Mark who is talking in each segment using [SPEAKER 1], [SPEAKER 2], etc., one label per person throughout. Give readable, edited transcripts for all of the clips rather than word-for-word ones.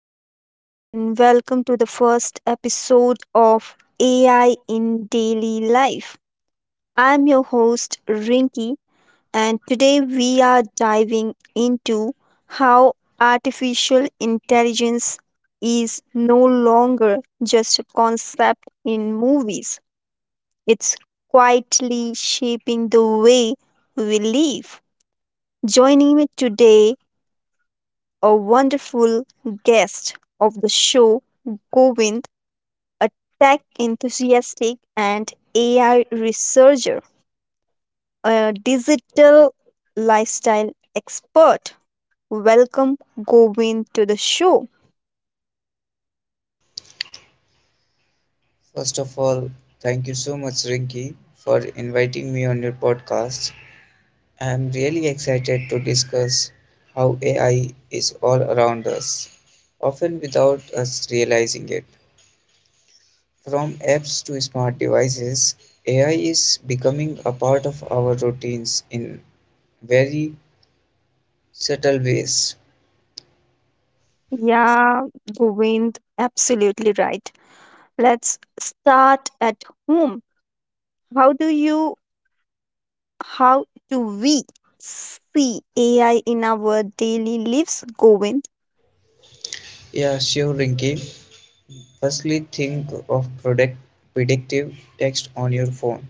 [SPEAKER 1] everyone, and welcome to the first episode of AI in Daily Life. I'm your host, Rinki, and today we are diving into how artificial intelligence is no longer just a concept in movies, it's quietly shaping the way we live. Joining me today, a wonderful guest of the show, Govind a tech enthusiastic and AI researcher, a digital lifestyle expert. Welcome, Govind, to the show.
[SPEAKER 2] First of all, thank you so much, Rinki, for inviting me on your podcast. I am really excited to discuss how AI is all around us, often without us realizing it. From apps to smart devices, AI is becoming a part of our routines in very subtle ways.
[SPEAKER 1] Yeah, Govind, absolutely right. Let's start at home. How do you, how do we see AI in our daily lives, Govind?
[SPEAKER 2] Yeah, sure, Rinki. Firstly, think of product predictive text on your phone,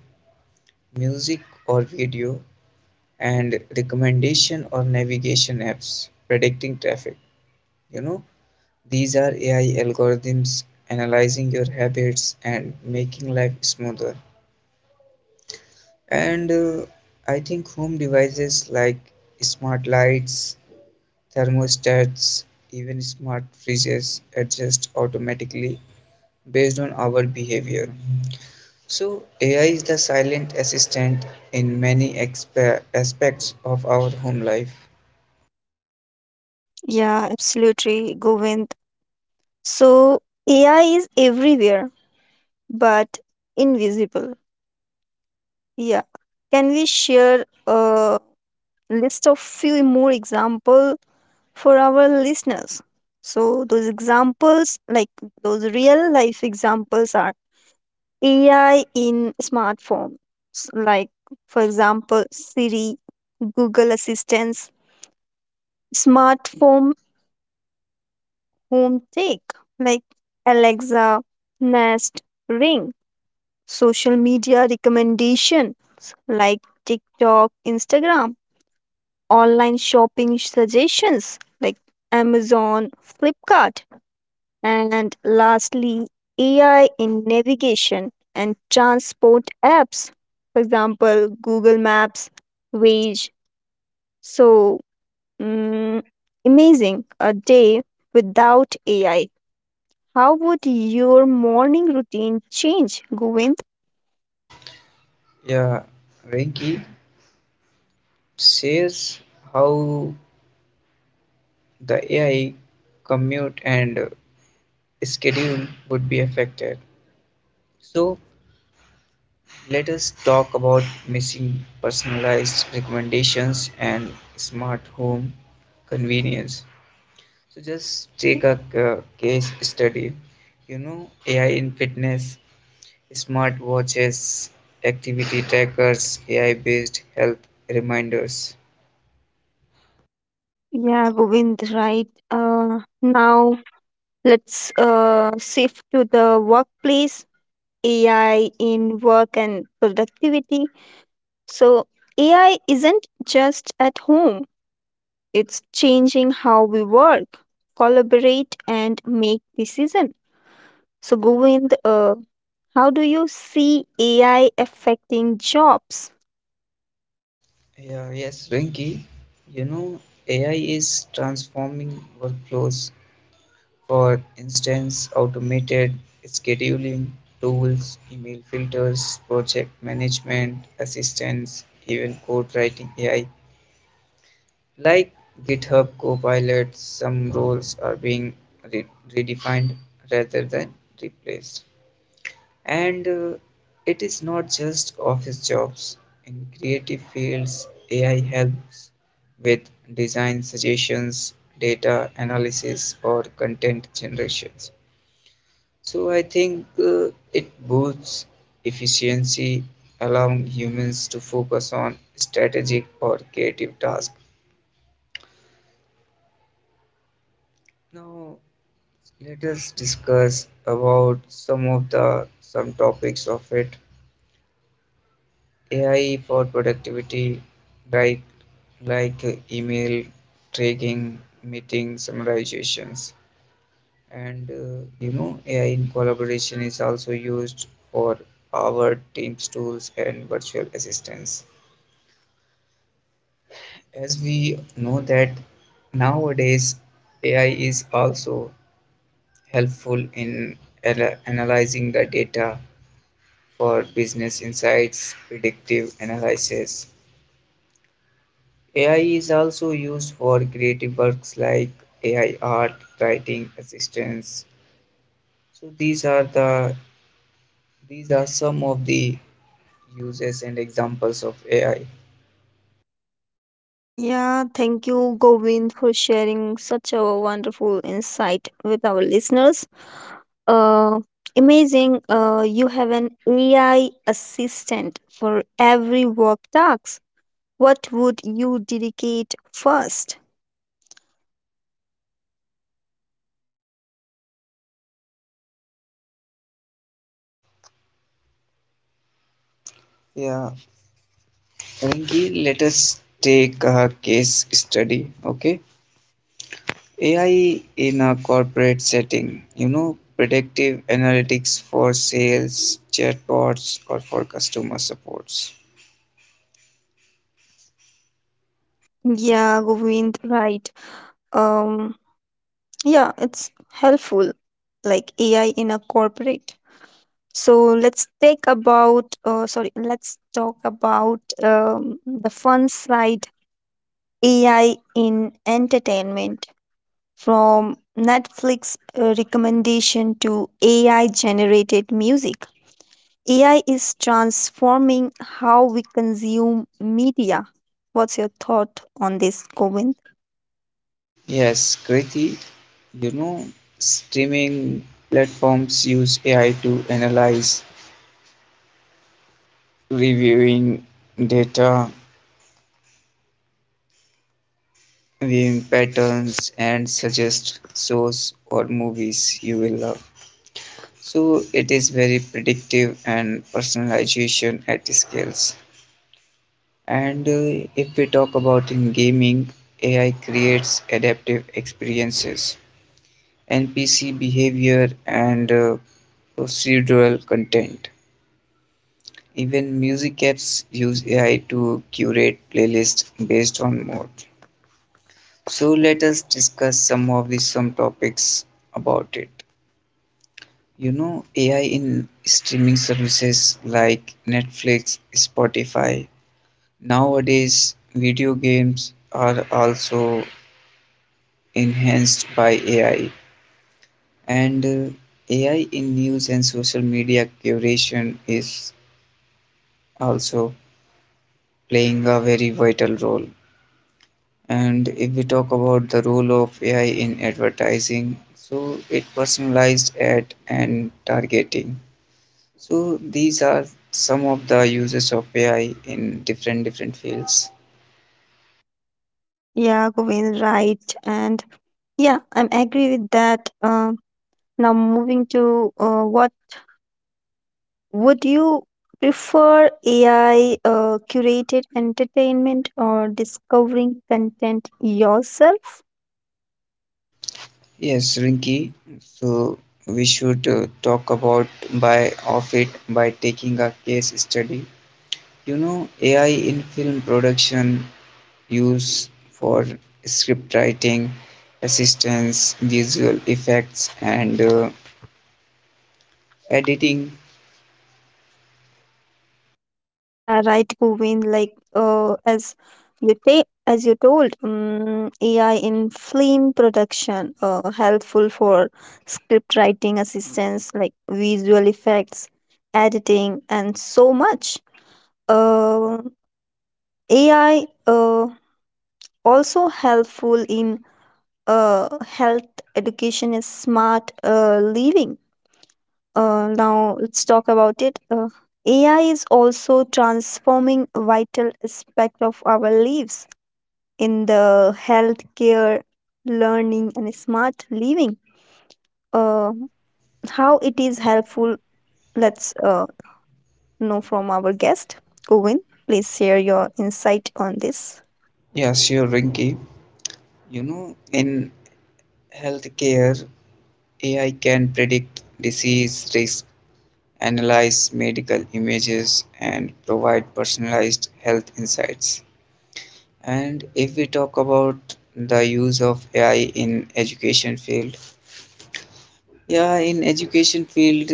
[SPEAKER 2] music or video and recommendation or navigation apps predicting traffic. You know, these are AI algorithms analyzing your habits and making life smoother. And I think home devices like smart lights, thermostats, even smart fridges adjust automatically based on our behavior. So, AI is the silent assistant in many aspects of our home life.
[SPEAKER 1] Yeah, absolutely, Govind. So, AI is everywhere but invisible. Yeah. Can we share a list of few more example for our listeners? So those examples, like those real life examples are AI in smartphones, like for example, Siri, Google Assistance, smartphone home tech, like Alexa, Nest, Ring, social media recommendations like TikTok, Instagram online shopping suggestions like Amazon, Flipkart, and lastly, AI in navigation and transport apps, for example, Google Maps, Waze. So, mm, amazing a day without AI. How would your morning routine change, Govind?
[SPEAKER 2] Yeah, Rinky, says how the AI commute and schedule would be affected. So let us talk about missing personalized recommendations and smart home convenience. So just take a case study. You know, AI in fitness, smart watches, activity trackers, AI based health reminders.
[SPEAKER 1] Yeah, Govind, right. Now let's shift to the workplace AI in work and productivity. So, AI isn't just at home, it's changing how we work, collaborate, and make decisions. So, Govind, how do you see AI affecting jobs?
[SPEAKER 2] Yeah, yes, Rinky. You know, AI is transforming workflows. For instance, automated scheduling tools, email filters, project management, assistance, even code writing AI. Like GitHub Copilot, some roles are being re- redefined rather than replaced. And It is not just office jobs. In creative fields, AI helps with design suggestions, data analysis, or content generations. So I think it boosts efficiency, allowing humans to focus on strategic or creative tasks. Now let us discuss about some of the some topics of it. AI for productivity, like email tracking, meeting summarizations, and you know AI in collaboration is also used for our Teams tools and virtual assistants. As we know that nowadays AI is also helpful in analyzing the data for business insights, predictive analysis, AI is also used for creative works like AI art, writing assistance. So these are some of the uses and examples of AI.
[SPEAKER 1] Yeah, thank you, Govind, for sharing such a wonderful insight with our listeners. Uh, Amazing, you have an AI assistant for every work task. What would you dedicate first?
[SPEAKER 2] Yeah, Rinki, let us take a case study. Okay, AI in a corporate setting. You know, predictive analytics for sales, chatbots, or for customer supports.
[SPEAKER 1] Yeah, Govind, right. Um, yeah, it's helpful, like AI in a corporate. So let's talk about the fun side AI in entertainment from Netflix recommendation to AI generated music. AI is transforming how we consume media. What's your thought on this, Govind?
[SPEAKER 2] Yes, Kriti, you know, streaming platforms use AI to analyze reviewing data, viewing patterns, and suggest shows or movies you will love. So it is very predictive and personalization at scales. And If we talk about in gaming, AI creates adaptive experiences, NPC behavior, and procedural content. Even music apps use AI to curate playlists based on mood. So let us discuss some of the some topics about it. You know, AI in streaming services like Netflix, Spotify. Nowadays, video games are also enhanced by AI, and AI in news and social media curation is also playing a very vital role. And if we talk about the role of AI in advertising, so it personalized ad and targeting. So these are some of the uses of AI in different different fields.
[SPEAKER 1] Yeah, Govind, right. And yeah, I'm agree with that. Now moving to what would you prefer AI curated entertainment or discovering content yourself?
[SPEAKER 2] Yes, Rinki. So we should talk about by of it by taking a case study. You know, AI in film production use for script writing, assistance, visual effects, and editing.
[SPEAKER 1] Yeah, right, Bhuvin. Like, as you told, AI in film production, helpful for script writing assistance, like visual effects, editing, and so much. Uh, AI, uh, Also helpful in health education is smart living. Now let's talk about it. AI is also transforming vital aspect of our lives in the healthcare, learning, and smart living. Uh, how it is helpful? Let's know from our guest, Govind. Please share your insight on this.
[SPEAKER 2] Yeah, sure, Rinky. You know, in healthcare, AI can predict disease risk, analyze medical images, and provide personalized health insights. And if we talk about the use of AI in education field, yeah, in education field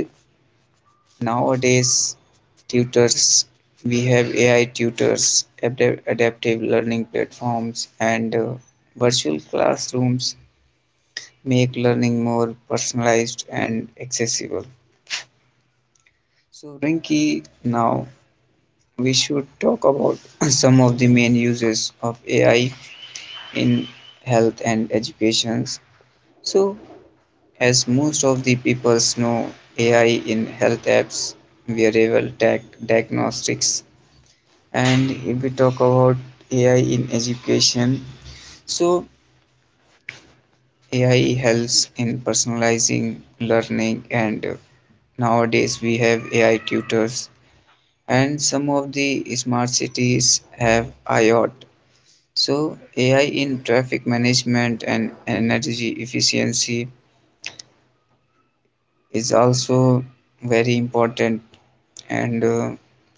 [SPEAKER 2] nowadays, tutors we have AI tutors, adaptive learning platforms, and virtual classrooms make learning more personalized and accessible. So, Rinki, now we should talk about some of the main uses of AI in health and education. So, as most of the people know, AI in health apps, wearable tech, diagnostics, and if we talk about AI in education, so AI helps in personalizing learning, and nowadays we have AI tutors and some of the smart cities have IOT. So, AI in traffic management and energy efficiency is also very important, and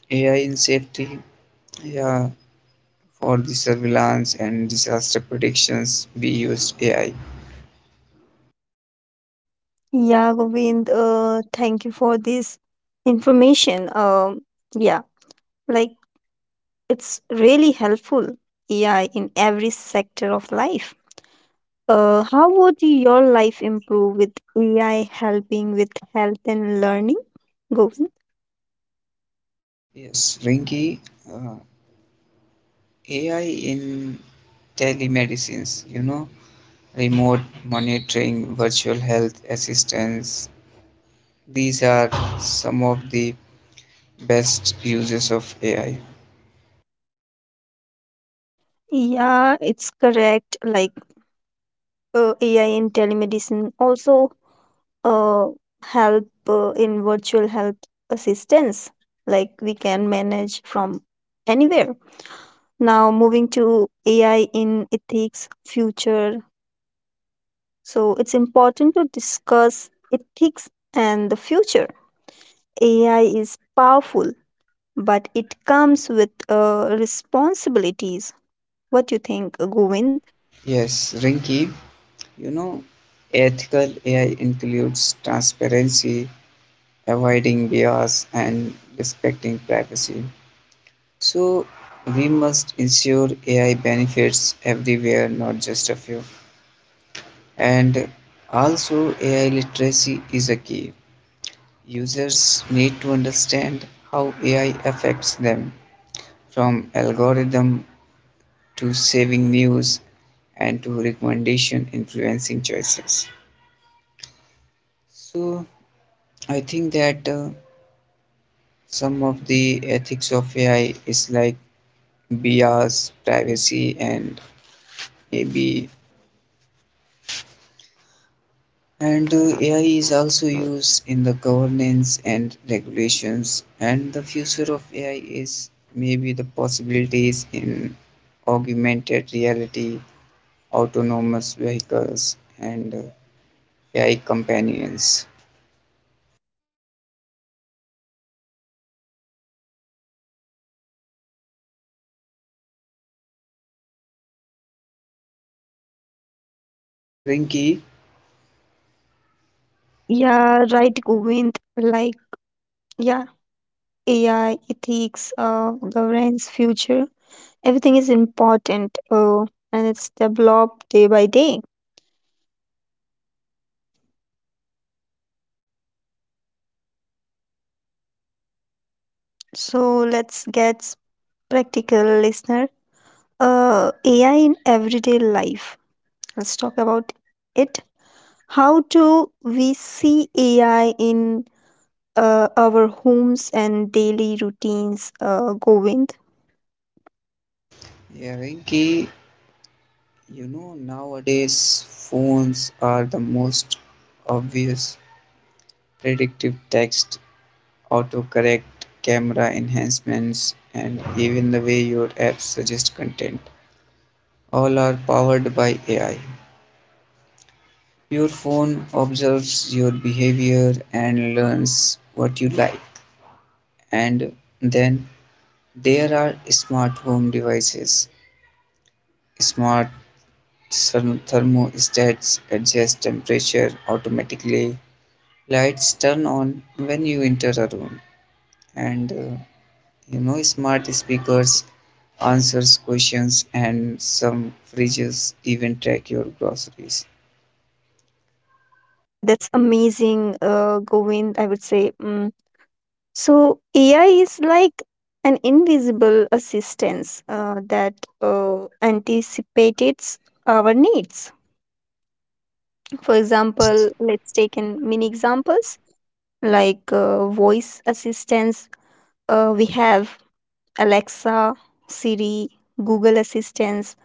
[SPEAKER 2] AI in safety, yeah, for the surveillance and disaster predictions, we use AI.
[SPEAKER 1] Yeah, Govind. Thank you for this information. Yeah, like it's really helpful AI in every sector of life. How would your life improve with AI helping with health and learning? Govind?
[SPEAKER 2] Yes, Rinki, uh, AI in telemedicines, you know, remote monitoring, virtual health assistance. These are some of the best uses of AI.
[SPEAKER 1] Yeah, it's correct. Like AI in telemedicine also uh, help in virtual health assistance. Like we can manage from anywhere. Now moving to AI in ethics future. So it's important to discuss ethics and the future. AI is powerful but it comes with responsibilities. What do you think, Govind?
[SPEAKER 2] Yes, Rinky, you know, ethical AI includes transparency, avoiding bias, and respecting privacy. So, we must ensure AI benefits everywhere, not just a few. And also, AI literacy is a key. Users need to understand how AI affects them, from algorithm to saving news and to recommendation influencing choices. So I think that some of the ethics of AI is like bias, privacy, and maybe and AI is also used in the governance and regulations. And the future of AI is maybe the possibilities in augmented reality, autonomous vehicles, and AI companions. Rinky,
[SPEAKER 1] Yeah, right, Govind. Like, yeah, AI, ethics, governance, future, everything is important and it's developed day by day. So let's get practical, listener. AI in everyday life. Let's talk about it. How do we see AI in our homes and daily routines, Govind.
[SPEAKER 2] yeah, Rinky, you know, nowadays phones are the most obvious predictive text, autocorrect, camera enhancements, and even the way your apps suggest content. All are powered by AI. Your phone observes your behavior and learns what you like. And then there are smart home devices, smart thermostats adjust temperature automatically. Lights turn on when you enter a room, and you know, smart speakers answers questions, and some fridges even track your groceries.
[SPEAKER 1] Yeah, that's amazing, Govind, I would say. Mm. So, AI is like an invisible assistance that anticipates our needs. For
[SPEAKER 2] Yes,
[SPEAKER 1] example, let's take in mini examples like voice assistance. We have Alexa, Siri, Google Assistant,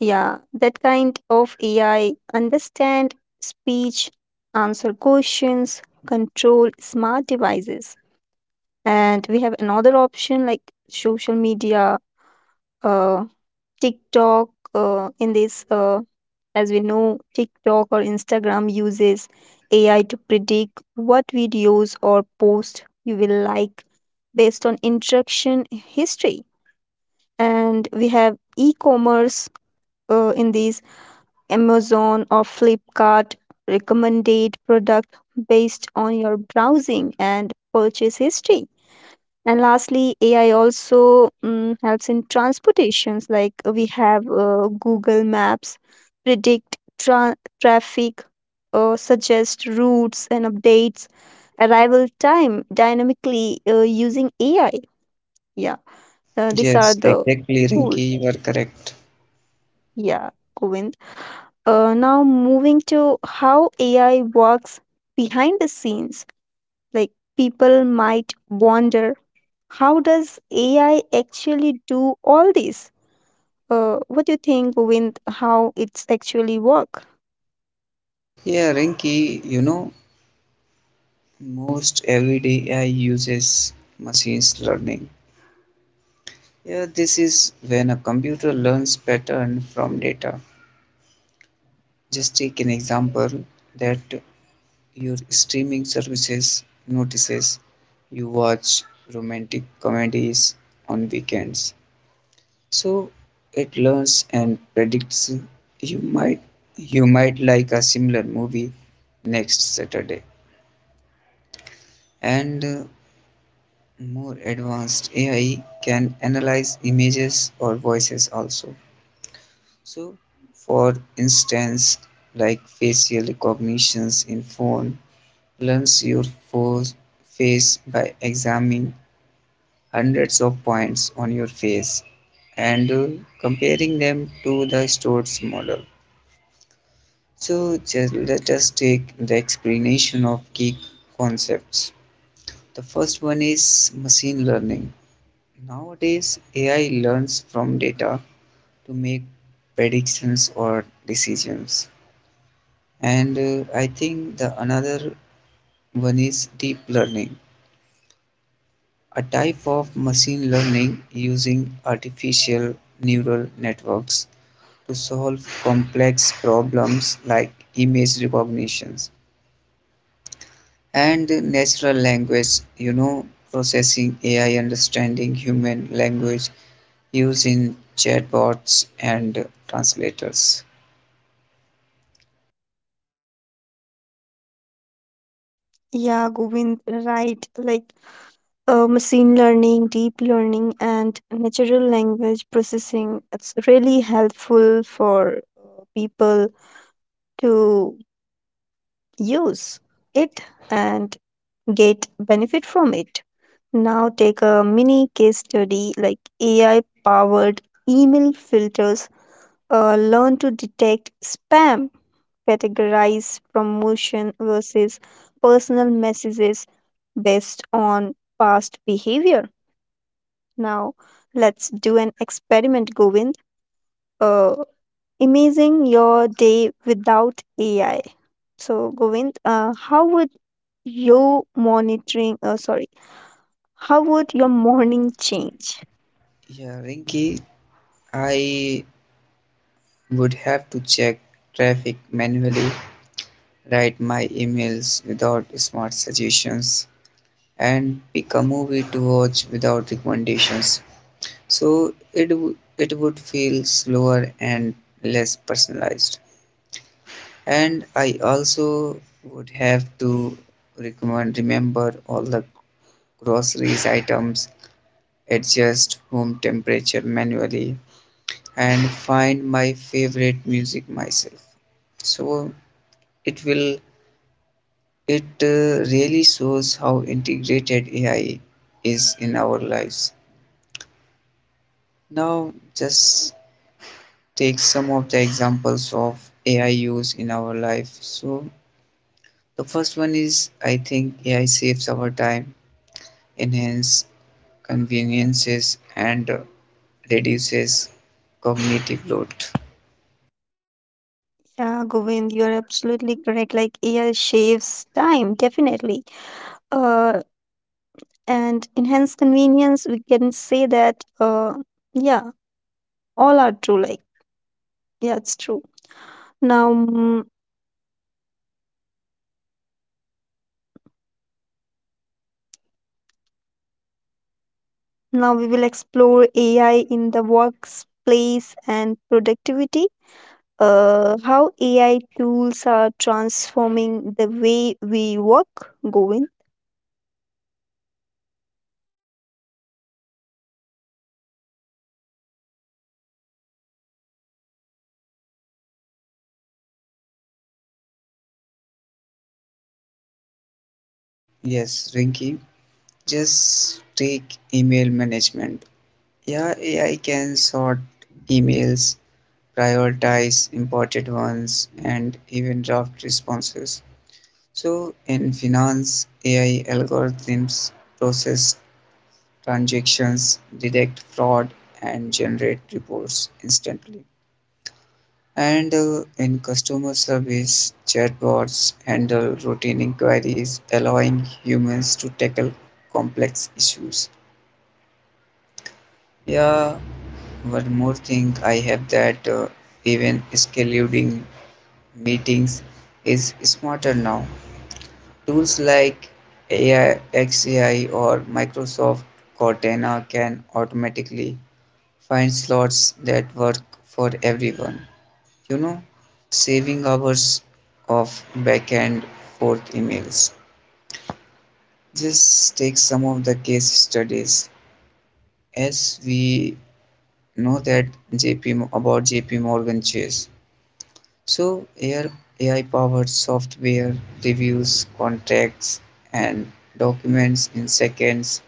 [SPEAKER 1] yeah, that kind of AI understand speech, answer questions, control smart devices. And we have another option like social media, uh, TikTok. Uh, in this, uh, as we know, TikTok or Instagram uses AI to predict what videos or posts you will like based on interaction history. And we have e-commerce in these Amazon or Flipkart recommended product based on your browsing and purchase history. And lastly, AI also helps in transportations. Like we have Google Maps, predict traffic, suggest routes and updates, arrival time dynamically using AI. Yeah, these
[SPEAKER 2] yes,
[SPEAKER 1] are the
[SPEAKER 2] exactly,
[SPEAKER 1] tools.
[SPEAKER 2] Rinky, you are correct.
[SPEAKER 1] Yeah, Govind. Now moving to how AI works behind the scenes, like people might wonder, how does AI actually do all this? What do you think, Govind? How it's actually work?
[SPEAKER 2] Yeah, Rinky, you know, most everyday AI uses machine learning. Yeah, this is when a computer learns pattern from data. Just take an example that your streaming services notices you watch romantic comedies on weekends, so it learns and predicts you might you might like a similar movie next Saturday. And More advanced AI can analyze images or voices also. So, for instance, like facial recognitions in phone learns your fo- face by examining hundreds of points on your face and comparing them to the Storz model. So just let us take the explanation of key concepts. The first one is machine learning. Nowadays, AI learns from data to make predictions or decisions. And I think the another one is deep learning, a type of machine learning using artificial neural networks to solve complex problems like image recognitions and natural language, you know, processing AI understanding human language using chatbots and translators.
[SPEAKER 1] Yeah, Govind, right. Like machine learning, deep learning, and natural language processing. It's really helpful for people to use it and get benefit from it. Now take a mini case study like AI powered email filters learn to detect spam, categorize promotion versus personal messages based on past behavior. Now let's do an experiment, Govind. Uh, Imagine your day without AI. So Govind, your monitoring, uh, sorry, how would your morning change?
[SPEAKER 2] Yeah, Rinki, I would have to check traffic manually, write my emails without smart suggestions, and pick a movie to watch without recommendations. So it would feel slower and less personalized, and I also would have to recommend remember all the groceries items, adjust home temperature manually, and find my favorite music myself. So it will it really shows how integrated AI is in our lives. Now just take some of the examples of AI use in our life. So the first one is I think AI saves our time, enhances conveniences and reduces cognitive load.
[SPEAKER 1] Yeah, Govind, you're absolutely correct. Like AI shaves time, definitely. Uh, and enhance convenience, we can say that. Yeah, all are true. Like, yeah, it's true. Now, mm, Now we will explore AI in the workplace and productivity. How AI tools are transforming the way we work, Govind.
[SPEAKER 2] Yes, Rinky, just take email management. Yeah, AI can sort emails, prioritize important ones, and even draft responses. So, in finance, AI algorithms process transactions, detect fraud, and generate reports instantly. And In customer service, chatbots handle routine inquiries, allowing humans to tackle complex issues. Yeah, one more thing I have that even scheduling meetings is smarter now. Tools like AI, XAI, or Microsoft Cortana can automatically find slots that work for everyone. You know, saving hours of back and forth emails. Just take some of the case studies as we know that JP about JP Morgan Chase. So AI powered software reviews contracts and documents in seconds,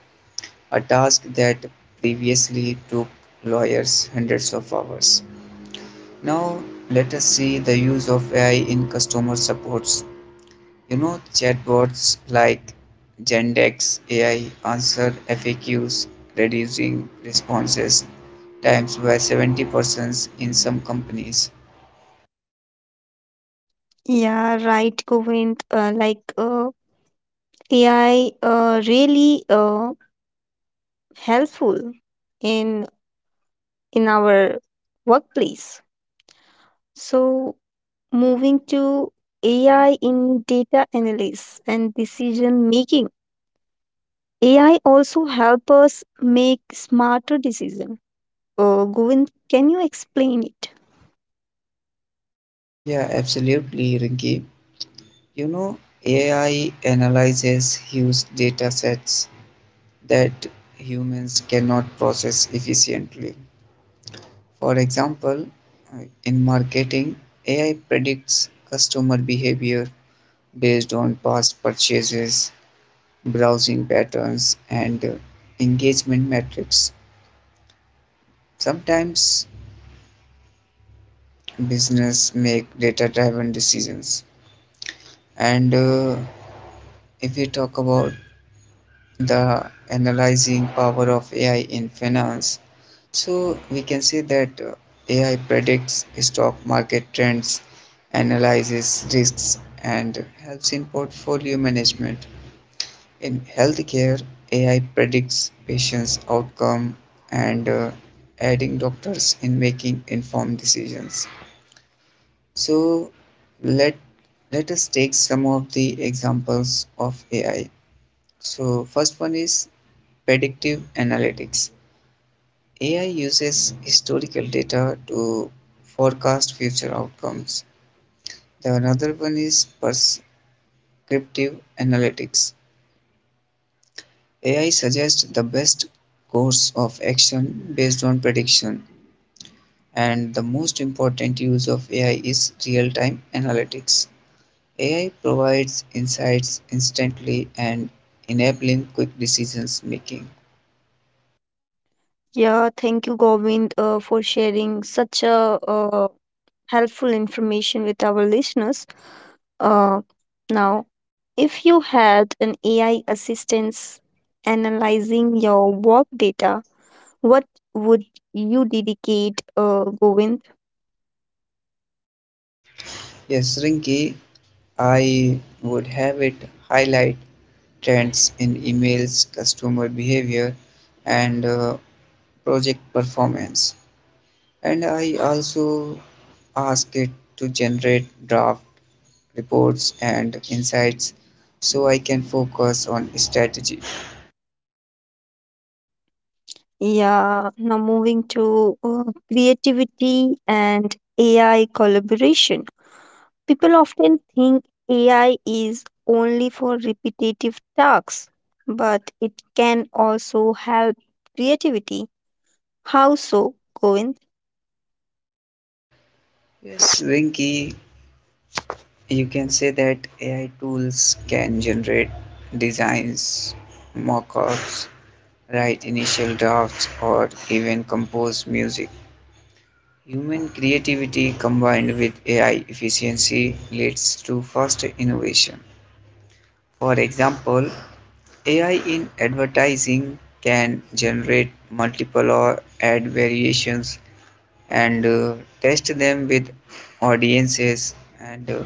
[SPEAKER 2] a task that previously took lawyers hundreds of hours. Now let us see the use of AI in customer supports. You know chatbots like Gendex AI answer FAQs, reducing responses times by 70% in some companies.
[SPEAKER 1] Yeah, right, Govind. AI really. Helpful in in our workplace. So moving to AI in data analysis and decision making, AI also help us make smarter decision. Govind, can you explain it?
[SPEAKER 2] Yeah, absolutely, Rinki. You know AI analyzes huge data sets that humans cannot process efficiently. For example, in marketing, AI predicts customer behavior based on past purchases, browsing patterns, and engagement metrics. Sometimes business make data-driven decisions. And If we talk about the analyzing power of AI in finance, so we can see that AI predicts stock market trends, analyzes risks, and helps in portfolio management. In healthcare, AI predicts patients' outcome and aiding doctors in making informed decisions. So let let us take some of the examples of AI. So first one is predictive analytics. AI uses historical data to forecast future outcomes. The another one is prescriptive analytics. AI suggests the best course of action based on prediction, and the most important use of AI is real time analytics. AI provides insights instantly and enabling quick decisions making.
[SPEAKER 1] Yeah, thank you, Govind, for sharing such a uh, helpful information with our listeners. Uh, Now, if you had an AI assistance analyzing your work data, what would you dedicate, Govind?
[SPEAKER 2] Yes, Rinki, I would have it highlight trends in emails, customer behavior, and project performance. And I also ask it to generate draft reports and insights so I can focus on strategy.
[SPEAKER 1] Yeah, now moving to creativity and AI collaboration. People often think AI is only for repetitive tasks, but it can also help creativity. How so, Govind?
[SPEAKER 2] Yes, Rinky, you can say that AI tools can generate designs, mock ups, write initial drafts, or even compose music. Human creativity combined with AI efficiency leads to faster innovation. For example, AI in advertising can generate multiple or ad variations and test them with audiences and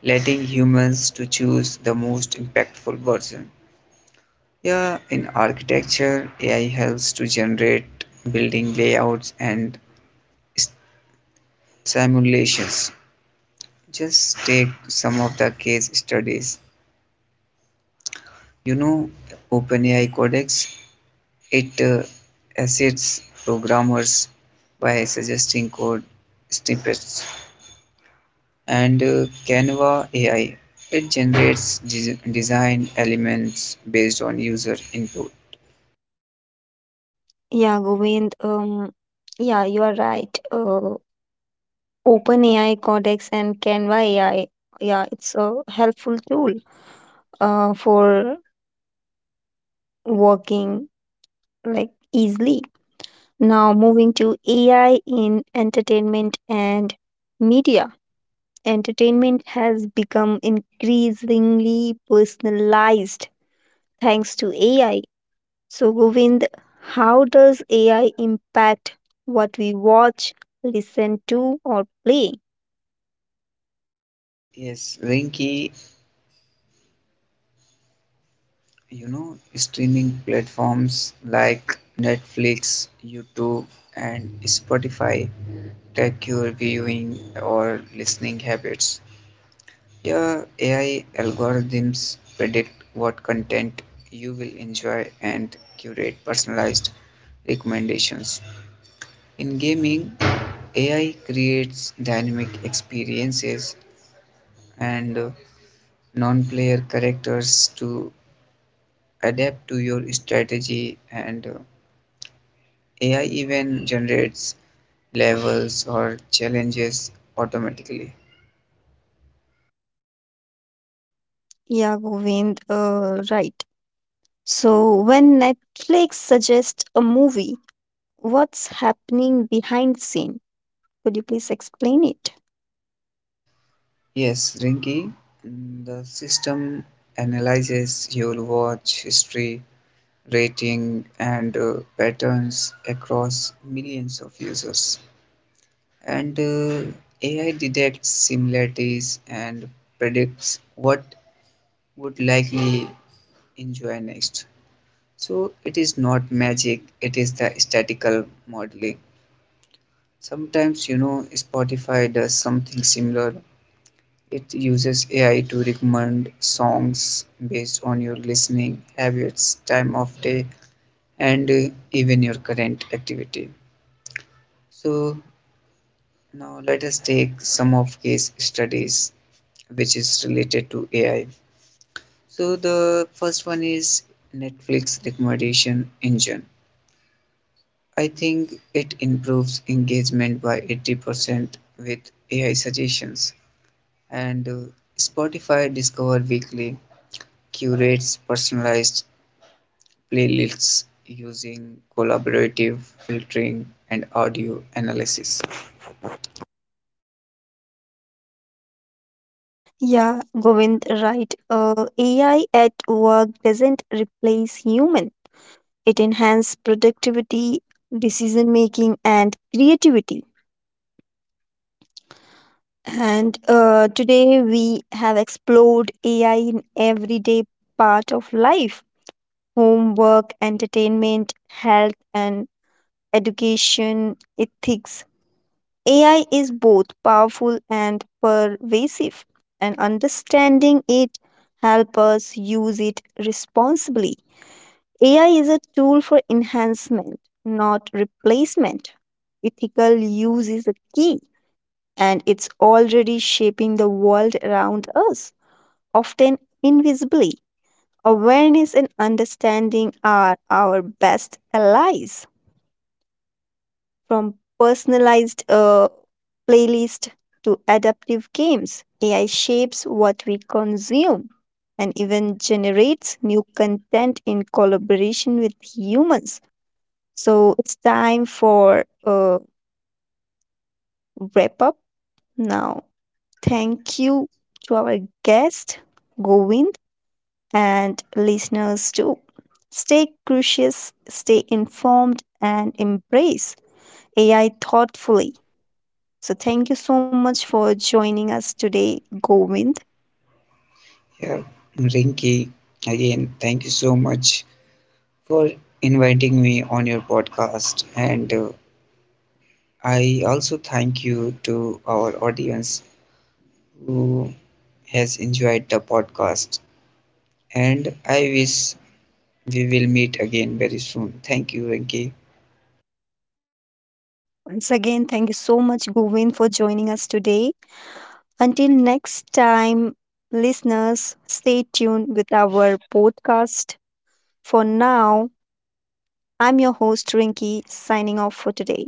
[SPEAKER 2] letting humans to choose the most impactful version. Yeah, in architecture, AI helps to generate building layouts and s- simulations. Just take some of the case studies. You know, OpenAI Codex, it assists programmers by suggesting code snippets. And Canva AI, it generates design elements based on user input.
[SPEAKER 1] Yeah, Govind, yeah, you are right. OpenAI, Codex, and Canva AI, yeah, it's a helpful tool for working like easily. Now moving to AI in entertainment and media. Entertainment has become increasingly personalized thanks to AI. So, Govind, how does AI impact what we watch, listen to, or play?
[SPEAKER 2] Yes, Linky, you know, streaming platforms like Netflix, YouTube, and Spotify track your viewing or listening habits. Your AI algorithms predict what content you will enjoy and curate personalized recommendations. In gaming, AI creates dynamic experiences and non player characters to adapt to your strategy, and AI even generates levels or challenges automatically.
[SPEAKER 1] Yeah, Govind, right. So when Netflix suggests a movie, what's happening behind the scene? Could you please explain it?
[SPEAKER 2] Yes, Rinky, mm, the system analyzes your watch history rating and patterns across millions of users. And AI detects similarities and predicts what would likely enjoy next. So it is not magic, it is the statistical modeling. Sometimes, you know, Spotify does something similar. It uses AI to recommend songs based on your listening habits, time of day, and even your current activity. So now let us take some of case studies which is related to AI. So the first one is Netflix recommendation engine. I think it improves engagement by 80% with AI suggestions and Spotify Discover Weekly curates personalized playlists using collaborative filtering and audio analysis.
[SPEAKER 1] Yeah, Govind, right. AI at work doesn't replace human. It enhances productivity, decision making, and creativity. And Today we have explored AI in everyday part of life, homework, entertainment, health, and education, ethics. AI is both powerful and pervasive, and understanding it helps us use it responsibly. AI is a tool for enhancement, not replacement. Ethical use is a key, and it's already shaping the world around us, often invisibly. Awareness and understanding are our best allies. From personalized playlist to adaptive games, AI shapes what we consume and even generates new content in collaboration with humans. So it's time for a wrap up now. Thank you to our guest, Govind, and listeners too. Stay curious, stay informed, and embrace AI thoughtfully. So, thank you so much for joining us today, Govind.
[SPEAKER 2] Yeah, Rinky, again, thank you so much for inviting me on your podcast. And I also thank you to our audience who has enjoyed the podcast. And I wish we will meet again very soon. Thank you, Rinki.
[SPEAKER 1] Once again, thank you so much, Govind, for joining us today. Until next time, listeners, stay tuned with our podcast. For now, I'm your host, Rinki, signing off for today.